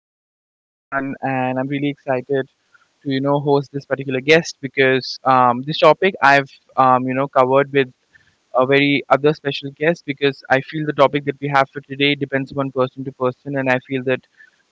very special one, and I'm really excited to host this particular guest because this topic I've covered with a very other special guest because I feel the topic that we have for today depends upon person to person, and I feel that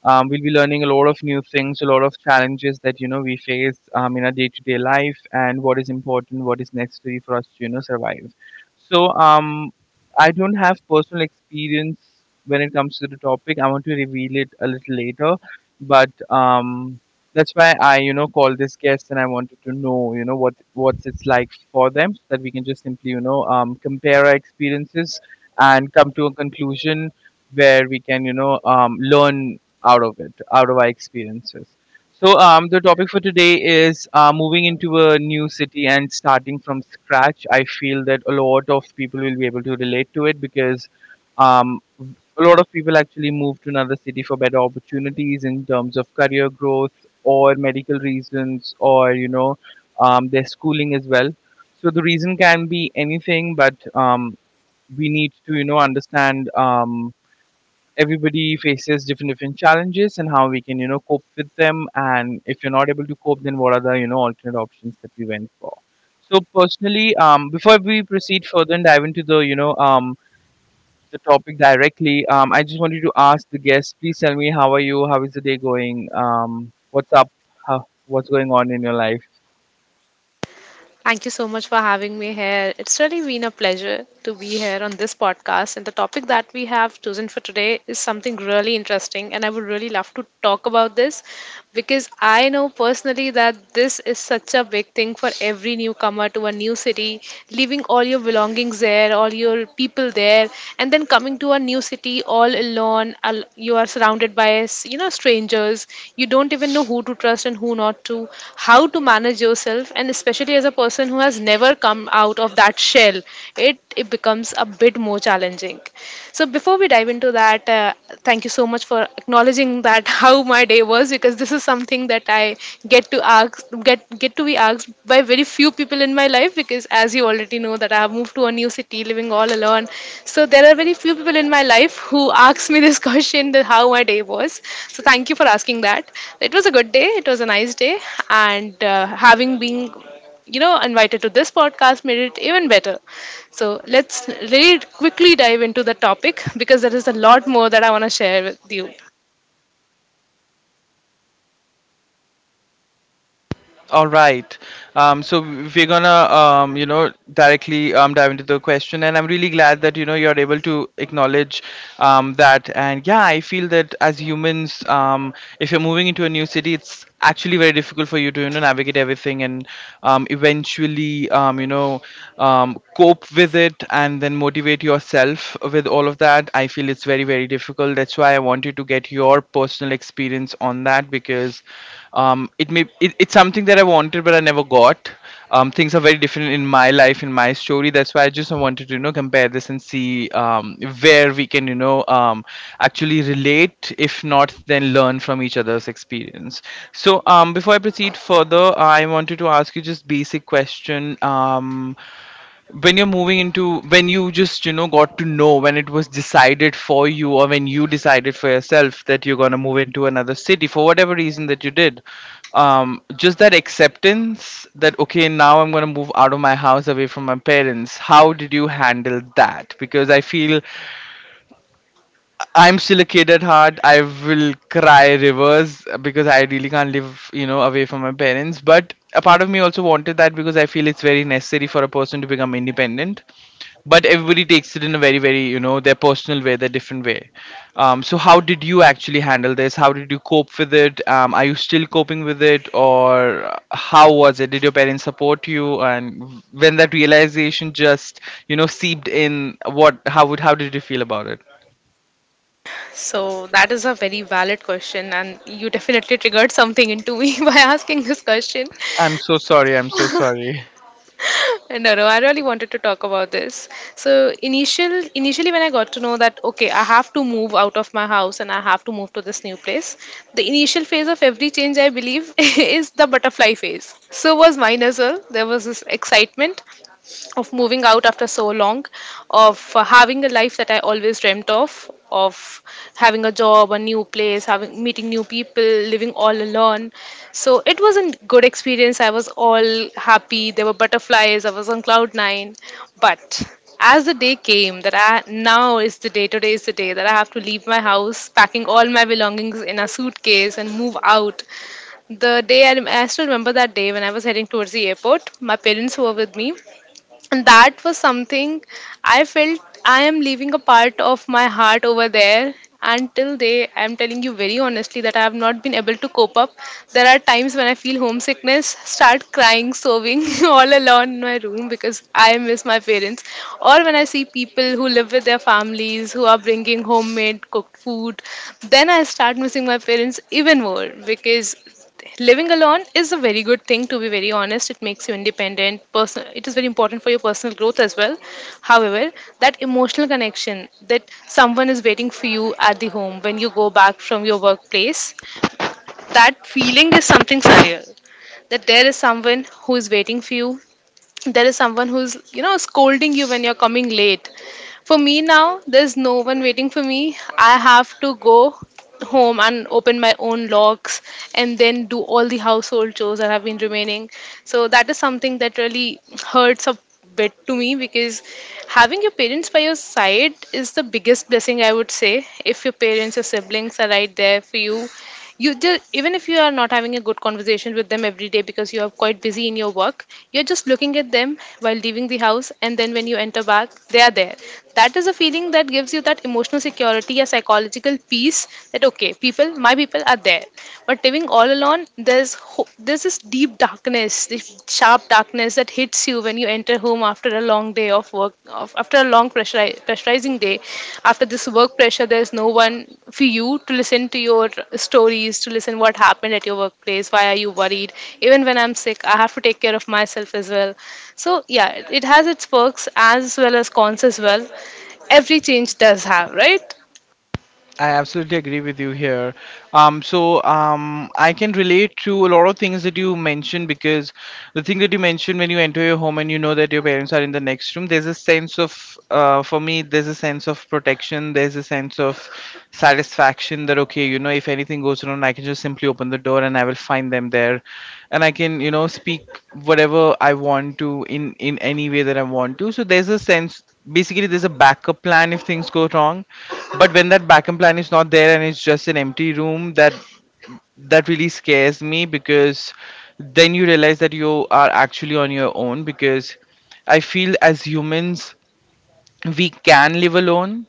we'll be learning a lot of new things, a lot of challenges that we face in our day-to-day life, and what is important, what is necessary for us to survive. So um, I don't have personal experience when it comes to the topic. I want to reveal it a little later, but that's why I, called this guest and I wanted to know, what what's it's like for them so that we can just simply, compare our experiences and come to a conclusion where we can, learn out of it, out of our experiences. The topic for today is moving into a new city and starting from scratch. I feel that a lot of people will be able to relate to it because um, a lot of people actually move to another city for better opportunities in terms of career growth or medical reasons or their schooling as well, so the reason can be anything, but we need to understand everybody faces different different challenges and how we can cope with them, and if you're not able to cope, then what are the alternate options that we went for. So personally, before we proceed further and dive into the the topic directly, I just wanted to ask the guests, please tell me, how are you? How is the day going? What's up? How, what's going on in your life? Thank you so much for having me here. It's really been a pleasure to be here on this podcast. And the topic that we have chosen for today is something really interesting. And I would really love to talk about this because I know personally that this is such a big thing for every newcomer to a new city, leaving all your belongings there, all your people there, and then coming to a new city all alone, you are surrounded by strangers. You don't even know who to trust and who not to, how to manage yourself, and especially as a person who has never come out of that shell, it becomes a bit more challenging. So before we dive into that, thank you so much for acknowledging that how my day was, because this is something that I get to be asked by very few people in my life, because as you already know, that I have moved to a new city living all alone. So there are very few people in my life who ask me this question, that how my day was. So thank you for asking that. It was a good day. It was a nice day, and having been invited to this podcast made it even better. So let's really quickly dive into the topic, because there is a lot more that I want to share with you. All right. So we're gonna, directly dive into the question, and I'm really glad that you're able to acknowledge that. And yeah, I feel that as humans, if you're moving into a new city, it's actually very difficult for you to navigate everything and eventually cope with it and then motivate yourself with all of that. I feel it's very difficult. That's why I wanted to get your personal experience on that because it's something that I wanted but I never got. Things are very different in my life, in my story. That's why I just wanted to compare this and see where we can actually relate. If not, then learn from each other's experience. Before I proceed further, I wanted to ask you just basic question. When you just got to know, when it was decided for you, or when you decided for yourself that you're going to move into another city for whatever reason that you did, just that acceptance that, okay, now I'm going to move out of my house, away from my parents, how did you handle that? Because I feel I'm still a kid at heart. I will cry rivers because I really can't live, away from my parents, but a part of me also wanted that, because I feel it's very necessary for a person to become independent. But everybody takes it in a very very their personal way, their different way. So how did you actually handle this? How did you cope with it? Are you still coping with it, or how was it? Did your parents support you? And when that realization just seeped in, what how would how did you feel about it? So that is a very valid question, and you definitely triggered something into me by asking this question. I'm so sorry, I'm so sorry. No, no, I really wanted to talk about this. So initially, when I got to know that okay, I have to move out of my house and I have to move to this new place, the initial phase of every change, I believe is the butterfly phase. So was mine as well. There was this excitement of moving out after so long, of having a life that I always dreamt of having a job, a new place, having meeting new people, living all alone. So it was a good experience. I was all happy. There were butterflies. I was on cloud nine. But as the day came that I, now is the day, today is the day that I have to leave my house, packing all my belongings in a suitcase and move out. The day I still remember, that day when I was heading towards the airport, my parents were with me, and that was something. I felt I am leaving a part of my heart over there. And till day, I'm telling you very honestly that I have not been able to cope up. There are times when I feel homesickness, start crying, sobbing all alone in my room because I miss my parents. Or when I see people who live with their families, who are bringing homemade cooked food, then I start missing my parents even more, because living alone is a very good thing. To be very honest, it makes you independent person. It is very important for your personal growth as well. However, that emotional connection, that someone is waiting for you at the home when you go back from your workplace, that feeling is something surreal. That there is someone who is waiting for you, there is someone who's scolding you when you're coming late. For me now, there's no one waiting for me. I have to go home and open my own locks, and then do all the household chores that have been remaining. So that is something that really hurts a bit to me, because having your parents by your side is the biggest blessing, I would say. If your parents, your siblings are right there for you, you just, even if you are not having a good conversation with them every day because you are quite busy in your work, you're just looking at them while leaving the house, and then when you enter back, they are there. That is a feeling that gives you that emotional security, a psychological peace, that okay, people, my people are there. But living all alone, there's there's this deep darkness, this sharp, sharp darkness that hits you when you enter home after a long day of work, after a long pressurizing day. After this work pressure, there's no one for you to listen to your stories, to listen what happened at your workplace, why are you worried. Even when I'm sick, I have to take care of myself as well. So, yeah, it has its perks as well as cons as well. Every change does have, right? I absolutely agree with you here. I can relate to a lot of things that you mentioned, because the thing that you mentioned, when you enter your home and you know that your parents are in the next room, there's a sense of, for me, there's a sense of protection. There's a sense of satisfaction that, okay, you know, if anything goes wrong, I can just simply open the door and I will find them there. And I can, you know, speak whatever I want to in any way that I want to. So there's a sense, basically there's a backup plan if things go wrong. But when that backup plan is not there, and it's just an empty room, that really scares me, because then you realize that you are actually on your own. Because I feel as humans, we can live alone,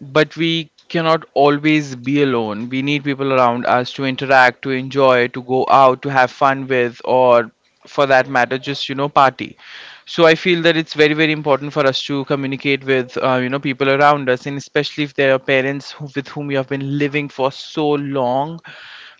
but we cannot always be alone. We need people around us to interact, to enjoy, to go out, to have fun with, or for that matter, just party. So I feel that it's very, very important for us to communicate with people around us, and especially if there are parents who, with whom you have been living for so long.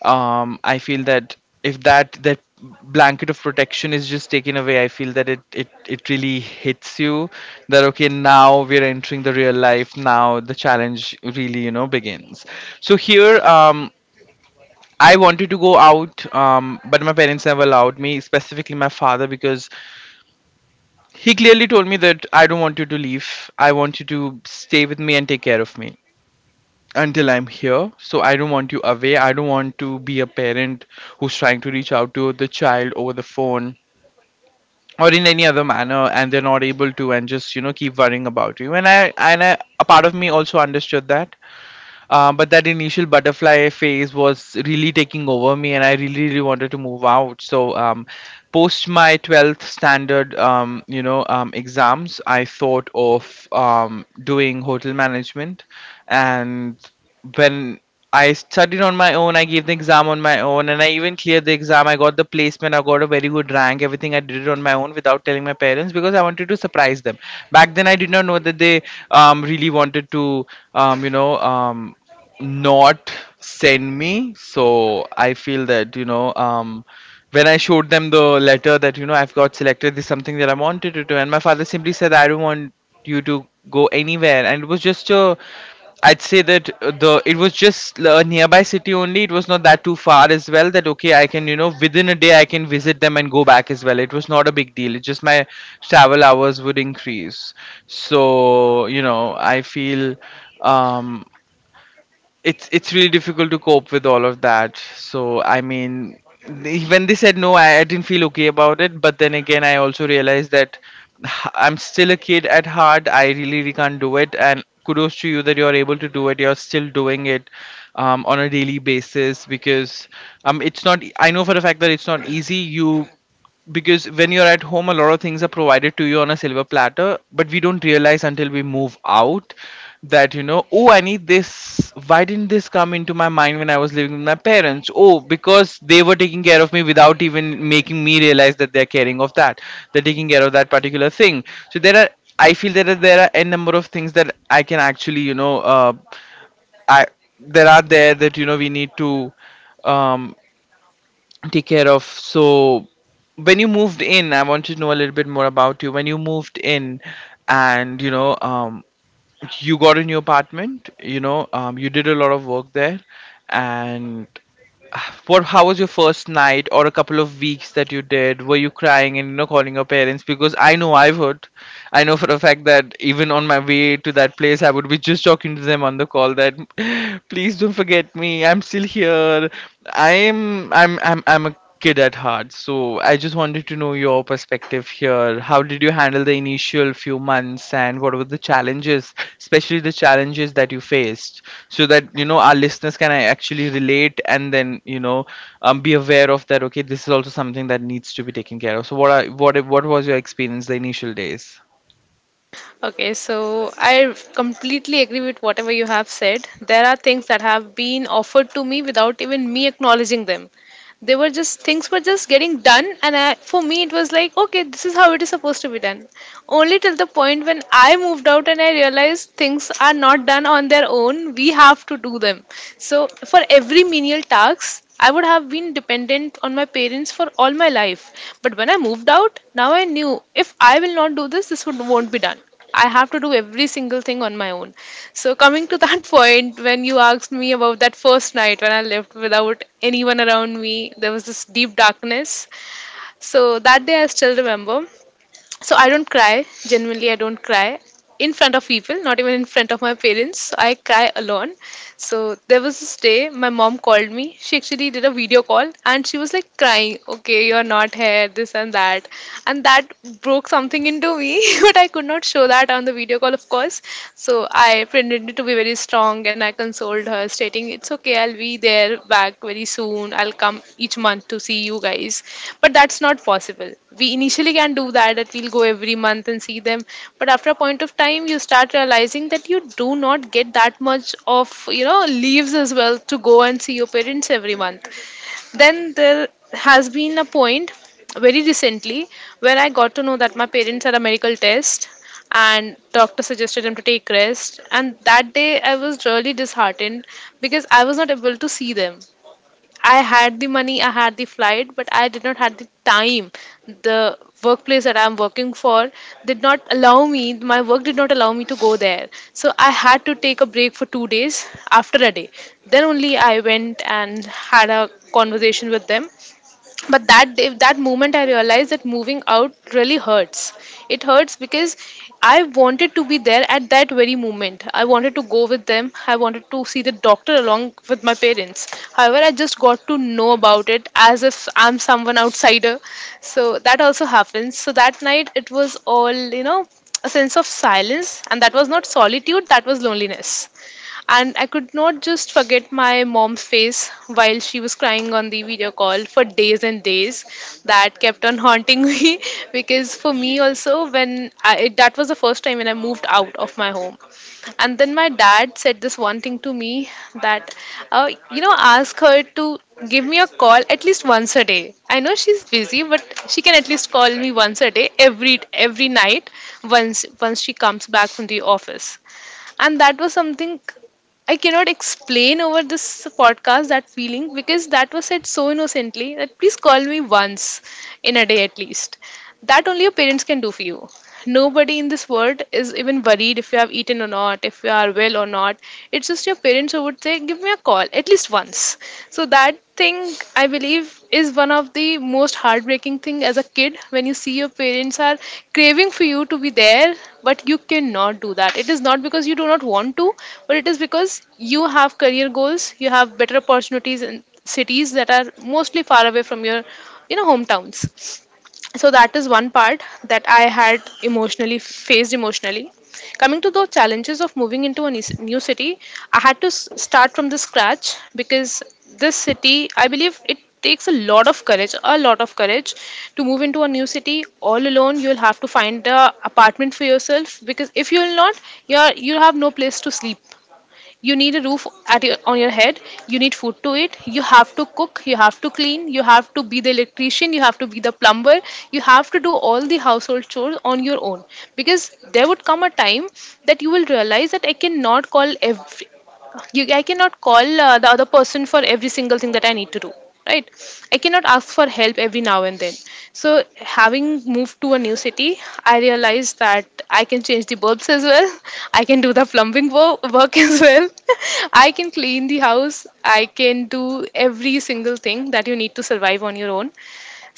I feel that if that blanket of protection is just taken away, I feel that it really hits you that, okay, now we're entering the real life, now the challenge really begins. So here I wanted to go out, but my parents never allowed me, specifically my father, because he clearly told me that, I don't want you to leave. I want you to stay with me and take care of me until I'm here. So I don't want you away. I don't want to be a parent who's trying to reach out to the child over the phone or in any other manner and they're not able to, and just keep worrying about you. And I, a part of me also understood that, but that initial butterfly phase was really taking over me, and I really, really wanted to move out. Post my 12th standard, exams, I thought of doing hotel management. And when I studied on my own, I gave the exam on my own, and I even cleared the exam. I got the placement, I got a very good rank. Everything I did it on my own without telling my parents because I wanted to surprise them. Back then, I did not know that they really wanted to um, you know, um, not send me. So I feel that, when I showed them the letter that, you know, I've got selected, this is something that I wanted to do, and my father simply said, I don't want you to go anywhere. And it was just a, I'd say that the it was just a nearby city only, it was not that too far as well, that, okay, I can, you know, within a day I can visit them and go back as well. It was not a big deal. It's just my travel hours would increase. So, you know I feel um it's really difficult to cope with all of that. So I mean, when they said no, I didn't feel okay about it, but then again, I also realized that I'm still a kid at heart, I really, really can't do it. And kudos to you that you're able to do it, you're still doing it, on a daily basis, because it's not e, I know for a fact that it's not easy, you, because when you're at home, a lot of things are provided to you on a silver platter, but we don't realize until we move out that, you know, oh, I need this, why didn't this come into my mind when I was living with my parents? Oh, because they were taking care of me without even making me realize that they're caring of that, they're taking care of that particular thing. So there are I feel that there are n number of things that I can actually, you know, I there are there that, you know, we need to um, take care of. So when you moved in, I want to know a little bit more about you. When you moved in, and, you got a new apartment. You did a lot of work there, and what how was your first night or a couple of weeks that you did? Were you crying and you know calling your parents? Because I know I would. I know for a fact that even on my way to that place I would be just talking to them on the call that please don't forget me, I'm still here. I'm a kid at heart, so I just wanted to know your perspective here. How did you handle the initial few months and what were the challenges, especially the challenges that you faced, so that you know our listeners can actually relate and then be aware of that. Okay, this is also something that needs to be taken care of. So what are what was your experience the initial days? Okay, so I completely agree with whatever you have said. There are things that have been offered to me without even me acknowledging them. They were just things were just getting done, and for me, it was like, okay, this is how it is supposed to be done. Only till the point when I moved out and I realized things are not done on their own, we have to do them. So, for every menial task, I would have been dependent on my parents for all my life. But when I moved out, now I knew if I will not do this, this won't be done. I have to do every single thing on my own. So, coming to that point, when you asked me about that first night when I left without anyone around me, there was this deep darkness. So, that day I still remember. So I don't cry, genuinely I don't cry in front of people, not even in front of my parents. I cry alone. So there was this day, my mom called me. She actually did a video call, and she was like crying, okay, you're not here, this and that. And that broke something into me but I could not show that on the video call, of course. So I printed pretended to be very strong, and I consoled her, stating, "It's okay, I'll be there back very soon. I'll come each month to see you guys." But that's not possible. We initially can do that, that we'll go every month and see them. But after a point of time, you start realizing that you do not get that much of, leaves as well, to go and see your parents every month. Then there has been a point very recently where I got to know that my parents had a medical test, and doctor suggested them to take rest, and that day I was really disheartened because I was not able to see them. I had the money, I had the flight, but I did not had the time. The workplace that I'm working for did not allow me, my work did not allow me to go there. So I had to take a break for 2 days after a day. Then only I went and had a conversation with them. But that day, that moment I realized that moving out really hurts. It hurts because I wanted to be there at that very moment. I wanted to go with them. I wanted to see the doctor along with my parents. However, I just got to know about it as if I'm someone outsider. So that also happens. So that night it was all, a sense of silence, and that was not solitude, that was loneliness. And I could not just forget my mom's face while she was crying on the video call for days and days. That kept on haunting me, because for me also, that was the first time when I moved out of my home. And then my dad said this one thing to me, that, ask her to give me a call at least once a day. I know she's busy, but she can at least call me once a day, every night, once she comes back from the office. And that was something I cannot explain over this podcast, that feeling, because that was said so innocently, that please call me once in a day at least. That only your parents can do for you. Nobody in this world is even worried if you have eaten or not, if you are well or not. It's just your parents who would say, "Give me a call at least once." So that thing I believe is one of the most heartbreaking thing as a kid when you see your parents are craving for you to be there, but you cannot do that. It is not because you do not want to, but it is because you have career goals, you have better opportunities in cities that are mostly far away from your, hometowns. So that is one part that I had emotionally faced. Emotionally coming to the challenges of moving into a new city, I had to start from the scratch, because this city, I believe, it takes a lot of courage, a lot of courage to move into a new city all alone. You'll have to find a apartment for yourself, because if you'll not, you have no place to sleep. You need a roof at on your head. You need food to eat. You have to cook, you have to clean, you have to be the electrician, you have to be the plumber, you have to do all the household chores on your own. Because there would come a time that you will realize that I cannot call I cannot call the other person for every single thing that I need to do, right? I cannot ask for help every now and then. So, having moved to a new city, I realized that I can change the bulbs as well. I can do the plumbing work as well. I can clean the house. I can do every single thing that you need to survive on your own.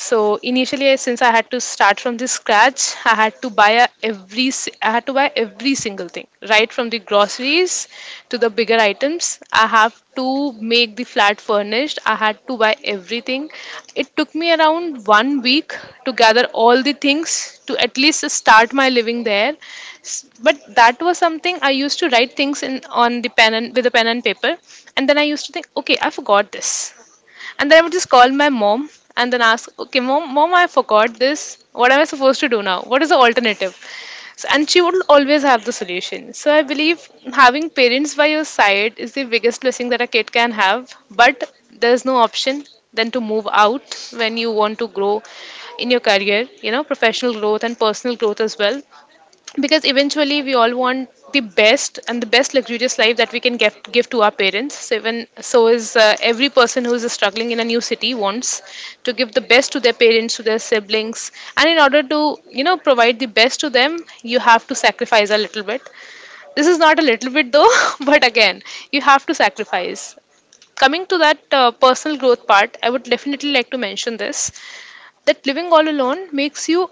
So initially, since I had to start from the scratch, I had to buy I had to buy every single thing, right from the groceries to the bigger items. I have to make the flat furnished. I had to buy everything. It took me around 1 week to gather all the things to at least start my living there. But that was something. I used to write things in on the pen and with a pen and paper, and then I used to think, okay, I forgot this, and then I would just call my mom and then ask, okay, mom, I forgot this. What am I supposed to do now? What is the alternative? So, and she would always have the solution. So I believe having parents by your side is the biggest blessing that a kid can have. But there's no option than to move out when you want to grow in your career, you know, professional growth and personal growth as well, because eventually we all want the best and the best luxurious life that we can give to our parents. So even so is, every person who is struggling in a new city wants to give the best to their parents, to their siblings, and in order to, you know, provide the best to them, you have to sacrifice a little bit. This is not a little bit though, but again, you have to sacrifice. Coming to that personal growth part, I would definitely like to mention this, that living all alone makes you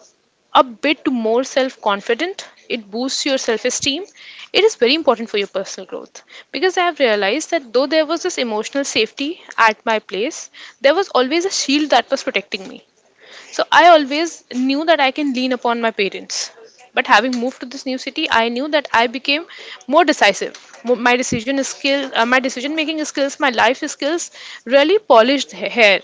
a bit more self confident. It boosts your self esteem. It is very important for your personal growth, because I have realized that though there was this emotional safety at my place, there was always a shield that was protecting me. So I always knew that I can lean upon my parents. But having moved to this new city, I knew that I became more decisive. My my decision making skills, my life skills really polished hair.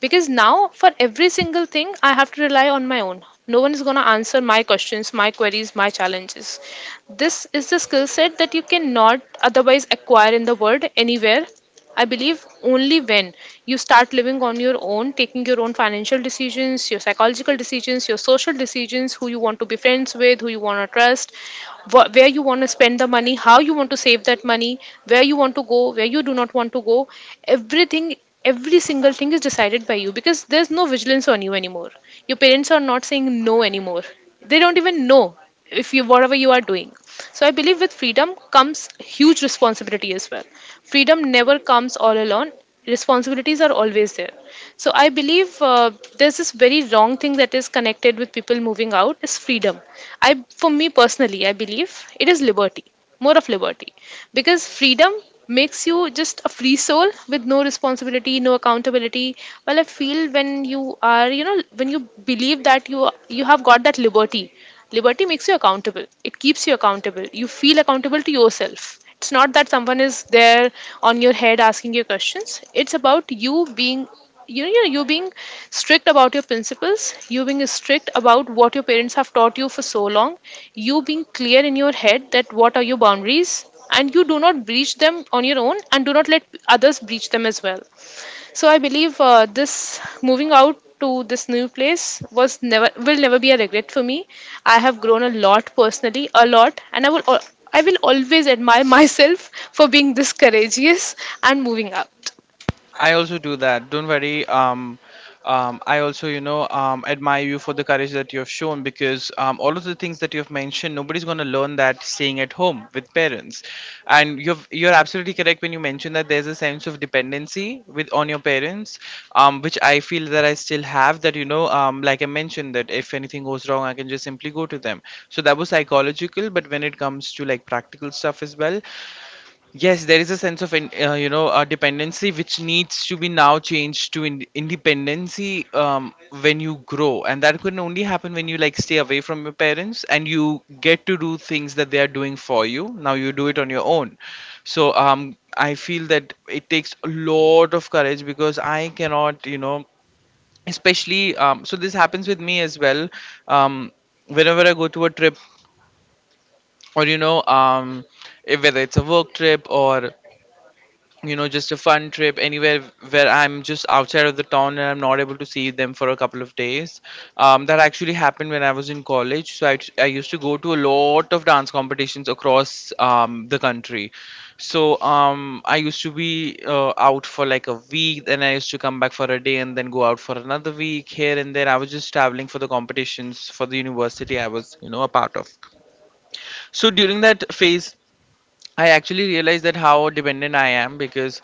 Because now, for every single thing, I have to rely on my own. No one is going to answer my questions, my queries, my challenges. This is the skill set that you cannot otherwise acquire in the world anywhere. I believe only when you start living on your own, taking your own financial decisions, your psychological decisions, your social decisions, who you want to be friends with, who you want to trust, where you want to spend the money, how you want to save that money, where you want to go, where you do not want to go, everything, every single thing is decided by you, because there's no vigilance on you anymore. Your parents are not saying no anymore. They don't even know if you, whatever you are doing. So I believe with freedom comes huge responsibility as well. Freedom never comes all alone, responsibilities are always there. So I believe, there's this very wrong thing that is connected with people moving out is freedom. I, for me personally, I believe it is liberty, more of liberty. Because freedom makes you just a free soul with no responsibility, no accountability. Well, I feel when you are, you know, when you believe that you have got that liberty, liberty makes you accountable, it keeps you accountable, you feel accountable to yourself. It's not that someone is there on your head asking you questions. It's about you being, you know, you being strict about your principles, you being strict about what your parents have taught you for so long, you being clear in your head that what are your boundaries, and you do not breach them on your own and do not let others breach them as well. So I believe, this moving out to this new place was never will never be a regret for me. I have grown a lot personally, a lot, and I will always admire myself for being this courageous and moving out. I also do that. Don't worry. I also, you know, admire you for the courage that you have shown, because all of the things that you have mentioned, nobody's going to learn that staying at home with parents. And you've, you're absolutely correct when you mention that there's a sense of dependency with on your parents, which I feel that I still have. That like I mentioned, that if anything goes wrong, I can just simply go to them. So that was psychological. But when it comes to like practical stuff as well, yes, there is a sense of you know dependency which needs to be now changed to independency when you grow, and that can only happen when you like stay away from your parents and you get to do things that they are doing for you. Now you do it on your own. So I feel that it takes a lot of courage, because I cannot you know, especially so this happens with me as well. Um, Whenever I go to a trip or whether it's a work trip or you know just a fun trip anywhere where I'm just outside of the town and I'm not able to see them for a couple of days. That actually happened when I was in college, so I used to go to a lot of dance competitions across the country. So I used to be out for like a week, then I used to come back for a day and then go out for another week. Here and there I was just traveling for the competitions for the university I was you know a part of. So during that phase I actually realized that how dependent I am, because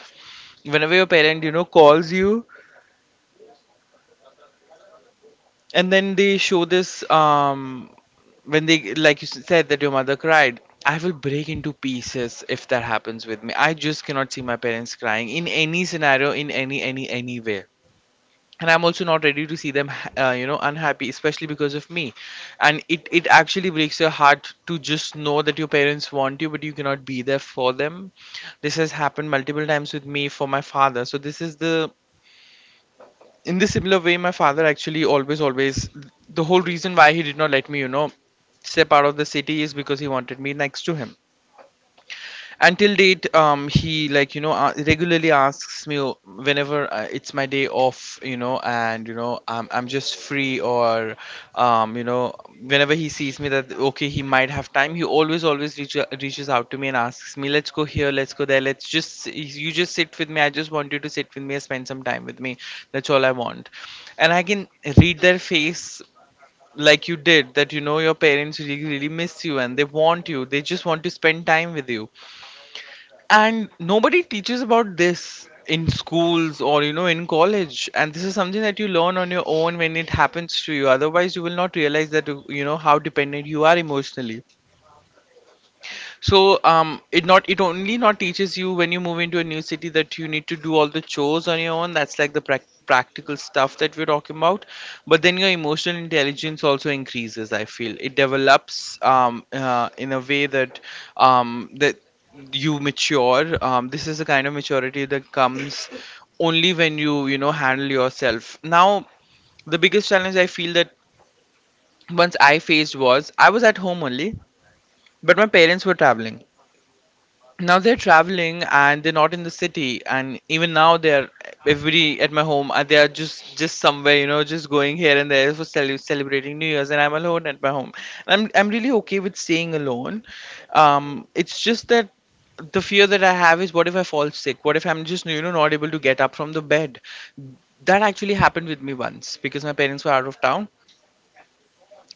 whenever your parent, you know, calls you and then they show this, when they, like you said, that your mother cried, I will break into pieces if that happens with me. I just cannot see my parents crying in any scenario, in any way. And I'm also not ready to see them you know unhappy, especially because of me. And it actually breaks your heart to just know that your parents want you but you cannot be there for them. This has happened multiple times with me for my father. So this is the, in this similar way, my father actually always always, the whole reason why he did not let me you know step out of the city is because he wanted me next to him. Until date, he, like you know, regularly asks me whenever it's my day off, you know, and you know I'm just free or um you know whenever he sees me that okay he might have time, he always always reaches out to me and asks me, let's go here, let's go there, let's just you just sit with me, I just want you to sit with me and spend some time with me. That's all I want. And I can read their face, like you did, that you know your parents really really miss you and they want you, they just want to spend time with you. And nobody teaches about this in schools or you know in college, and this is something that you learn on your own when it happens to you. Otherwise you will not realize that you know how dependent you are emotionally. So it not, it only not teaches you when you move into a new city that you need to do all the chores on your own. That's like the practical stuff that we're talking about. But then your emotional intelligence also increases. I feel it develops in a way that um, that you mature. This is the kind of maturity that comes only when you know handle yourself. Now the biggest challenge I feel that once I faced was I was at home only, but my parents were traveling. Now they're traveling and they're not in the city, and even now they're every at my home and they are just somewhere you know just going here and there for celebrating new year's, and I'm alone at my home. And I'm really okay with staying alone. It's just that the fear that I have is, what if I fall sick? What if I'm just you know not able to get up from the bed? That actually happened with me once because my parents were out of town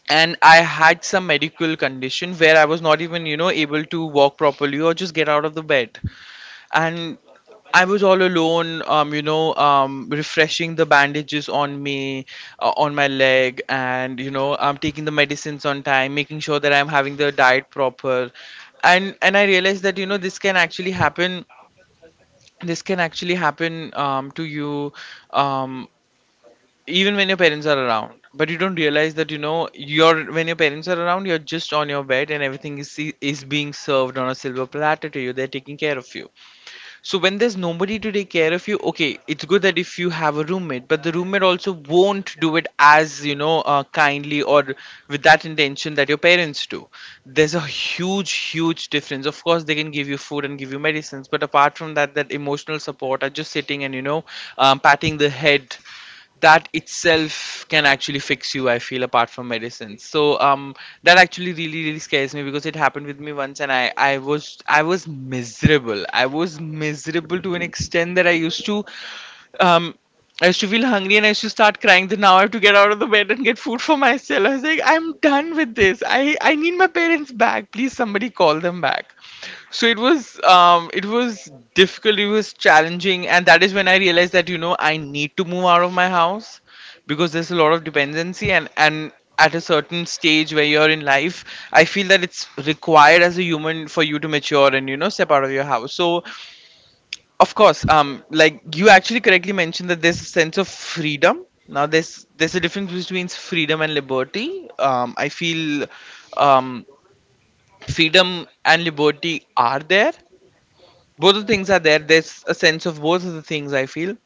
and I had some medical condition where I was not even you know able to walk properly or just get out of the bed. And I was all alone, refreshing the bandages on me, on my leg, and you know, I'm taking the medicines on time, making sure that I'm having the diet proper, and I realized that you know this can actually happen. This can actually happen to you, um, even when your parents are around. But you don't realize that you know you're, when your parents are around, you're just on your bed and everything is being served on a silver platter to you. They're taking care of you. So when there's nobody to take care of you, okay, it's good that if you have a roommate, but the roommate also won't do it as you know kindly or with that intention that your parents do. There's a huge, huge difference. Of course, they can give you food and give you medicines, but apart from that, that emotional support, are just sitting and you know patting the head, that itself can actually fix you, I feel, apart from medicine. So that actually really really scares me, because it happened with me once and I was, I was miserable, I was miserable to an extent that I used to um I used to feel hungry and I used to start crying that now I have to get out of the bed and get food for myself. I was like, I'm done with this. I need my parents back. Please somebody call them back. So it was difficult, it was challenging, and that is when I realized that you know I need to move out of my house, because there's a lot of dependency and at a certain stage where you're in life, I feel that it's required as a human for you to mature and you know step out of your house. So of course, like you actually correctly mentioned that there's a sense of freedom. Now there's a difference between freedom and liberty. I feel um freedom and liberty are there, both the things are there, there's a sense of both of the things I feel.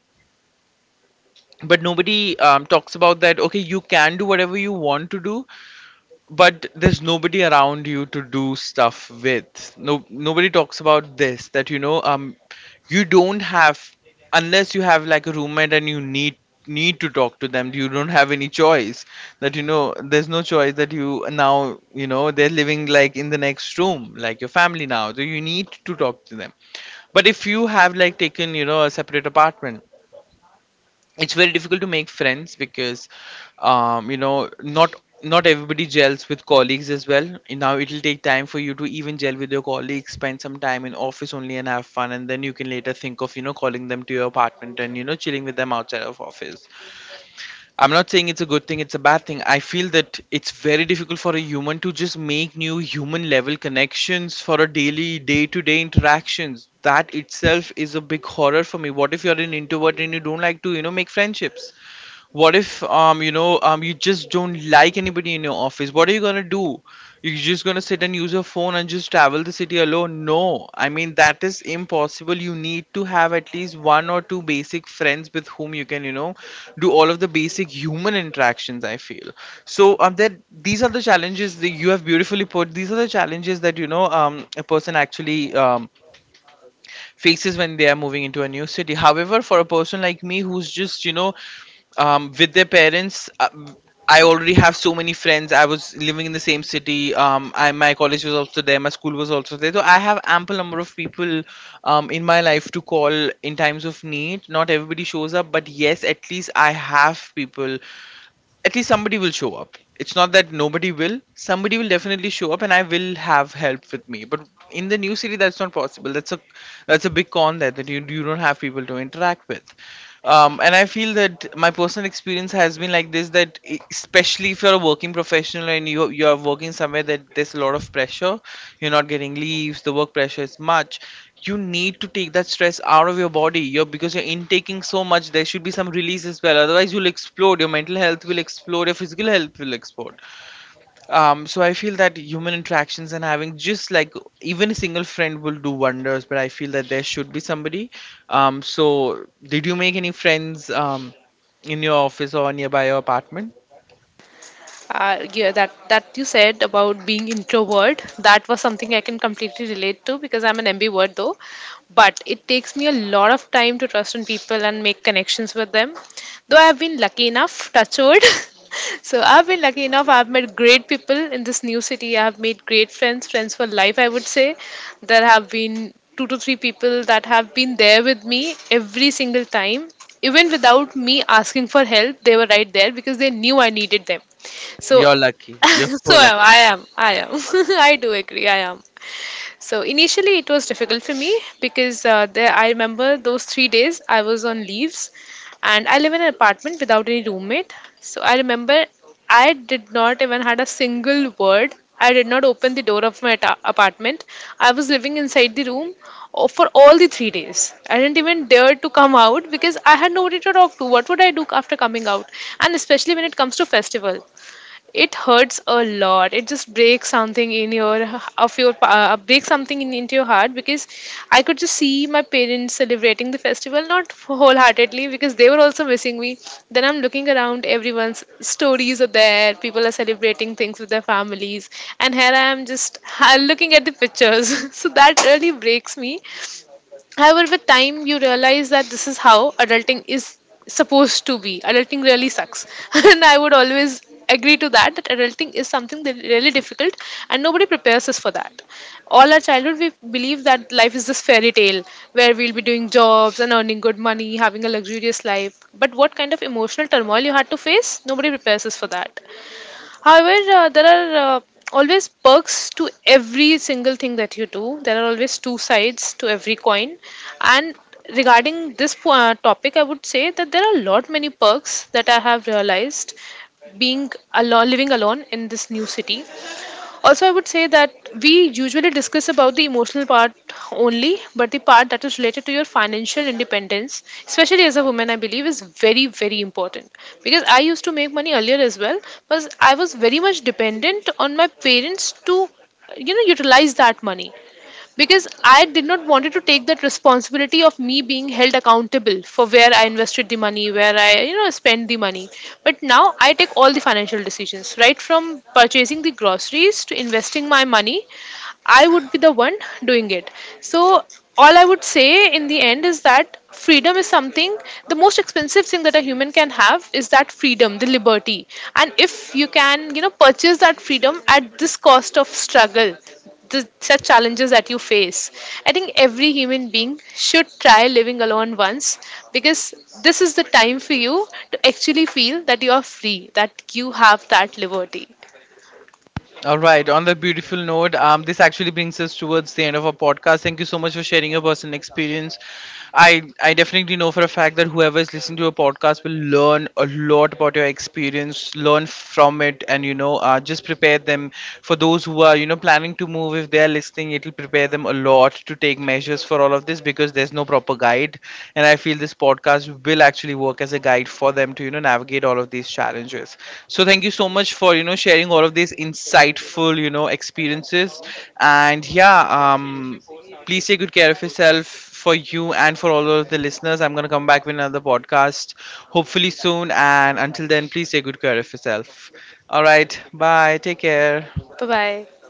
But nobody talks about that okay you can do whatever you want to do, but there's nobody around you to do stuff with. No, nobody talks about this that you know you don't have, unless you have like a roommate and you need to talk to them, you don't have any choice. That you know there's no choice, that you now you know they're living like in the next room like your family now, so you need to talk to them. But if you have like taken you know a separate apartment, it's very difficult to make friends because you know not, not everybody gels with colleagues as well. Now it'll take time for you to even gel with your colleagues, spend some time in office only and have fun, and then you can later think of you know calling them to your apartment and you know chilling with them outside of office. I'm not saying it's a good thing, it's a bad thing, I feel that it's very difficult for a human to just make new human level connections for a daily day to day interactions. That itself is a big horror for me. What if you're an introvert and you don't like to you know make friendships? What if you just don't like anybody in your office? What are you gonna do? You're just gonna sit and use your phone and just travel the city alone? No, I mean that is impossible. You need to have at least one or two basic friends with whom you can you know do all of the basic human interactions, I feel. So that, these are the challenges that you have beautifully put, these are the challenges that you know a person actually faces when they are moving into a new city. However, for a person like me who's just, you know, with their parents, I already have so many friends. I was living in the same city. My college was also there. My school was also there. So I have ample number of people in my life to call in times of need. Not everybody shows up, but yes, at least I have people. At least somebody will show up. It's not that nobody will, somebody will definitely show up and I will have help with me. But in the new city that's not possible. That's a, that's a big con there, that you don't have people to interact with. And I feel that my personal experience has been like this, especially especially if you're a working professional and you're working somewhere that there's a lot of pressure, you're not getting leaves, the work pressure is much. You need to take that stress out of your body. You're, because you're intaking so much, there should be some release as well, otherwise you'll explode, your mental health will explode, your physical health will explode. So I feel that human interactions and having just like even a single friend will do wonders, but I feel that there should be somebody. So did you make any friends in your office or nearby your apartment? Yeah, that that you said about being introvert, that was something I can completely relate to, because I'm an ambivert though. But it takes me a lot of time to trust in people and make connections with them. Though I have been lucky enough, touch wood. So I've been lucky enough. I've met great people in this new city. I've made great friends, friends for life. I would say there have been 2 to 3 people that have been there with me every single time, even without me asking for help. They were right there because they knew I needed them. So, You're lucky. You're so so am lucky. I, am I am I do agree, I am. So initially it was difficult for me, because there, I remember those 3 days I was on leaves, and I live in an apartment without any roommate. So I remember I did not even had a single word. I did not open the door of my apartment. I was living inside the room for all the 3 days. I didn't even dare to come out because I had nobody to talk to. What would I do after coming out? And especially when it comes to festival, it hurts a lot. It just breaks something in your of your breaks something into your heart, because I could just see my parents celebrating the festival not wholeheartedly, because they were also missing me. Then I'm looking around, everyone's stories are there, people are celebrating things with their families, and here I am just looking at the pictures. So that really breaks me. However, with time, you realize that this is how adulting is supposed to be. Adulting really sucks. And I would always agree to that, that adulting is something that really difficult, and nobody prepares us for that. All our childhood, we believe that life is this fairy tale where we'll be doing jobs and earning good money, having a luxurious life. But what kind of emotional turmoil you had to face, nobody prepares us for that. However, there are always perks to every single thing that you do. There are always two sides to every coin. And regarding this topic, I would say that there are a lot many perks that I have realized being alone, living alone in this new city. Also, I would say that we usually discuss about the emotional part only, but the part that is related to your financial independence, especially as a woman, I believe, is very very important. Because I used to make money earlier as well, but I was very much dependent on my parents to, you know, utilize that money, because I did not wanted to take that responsibility of me being held accountable for where I invested the money, where I, you know, spent the money. But now I take all the financial decisions, right from purchasing the groceries to investing my money. I would be the one doing it. So all I would say in the end is that freedom is something, the most expensive thing that a human can have is that freedom, the liberty. And if you can, you know, purchase that freedom at this cost of struggle, the such challenges that you face, I think every human being should try living alone once, because this is the time for you to actually feel that you are free, that you have that liberty. All right. On that beautiful note, this actually brings us towards the end of our podcast. Thank you so much for sharing your personal experience. I definitely know for a fact that whoever is listening to a podcast will learn a lot about your experience, learn from it, and you know, just prepare them, for those who are you know planning to move. If they are listening, it'll prepare them a lot to take measures for all of this because there's no proper guide, and I feel this podcast will actually work as a guide for them to, you know, navigate all of these challenges. So thank you so much for, you know, sharing all of these insightful, you know, experiences. And yeah, please take good care of yourself, for you and for all of the listeners. I'm going to come back with another podcast hopefully soon. And until then, please take good care of yourself. All right. Bye. Take care. Bye bye.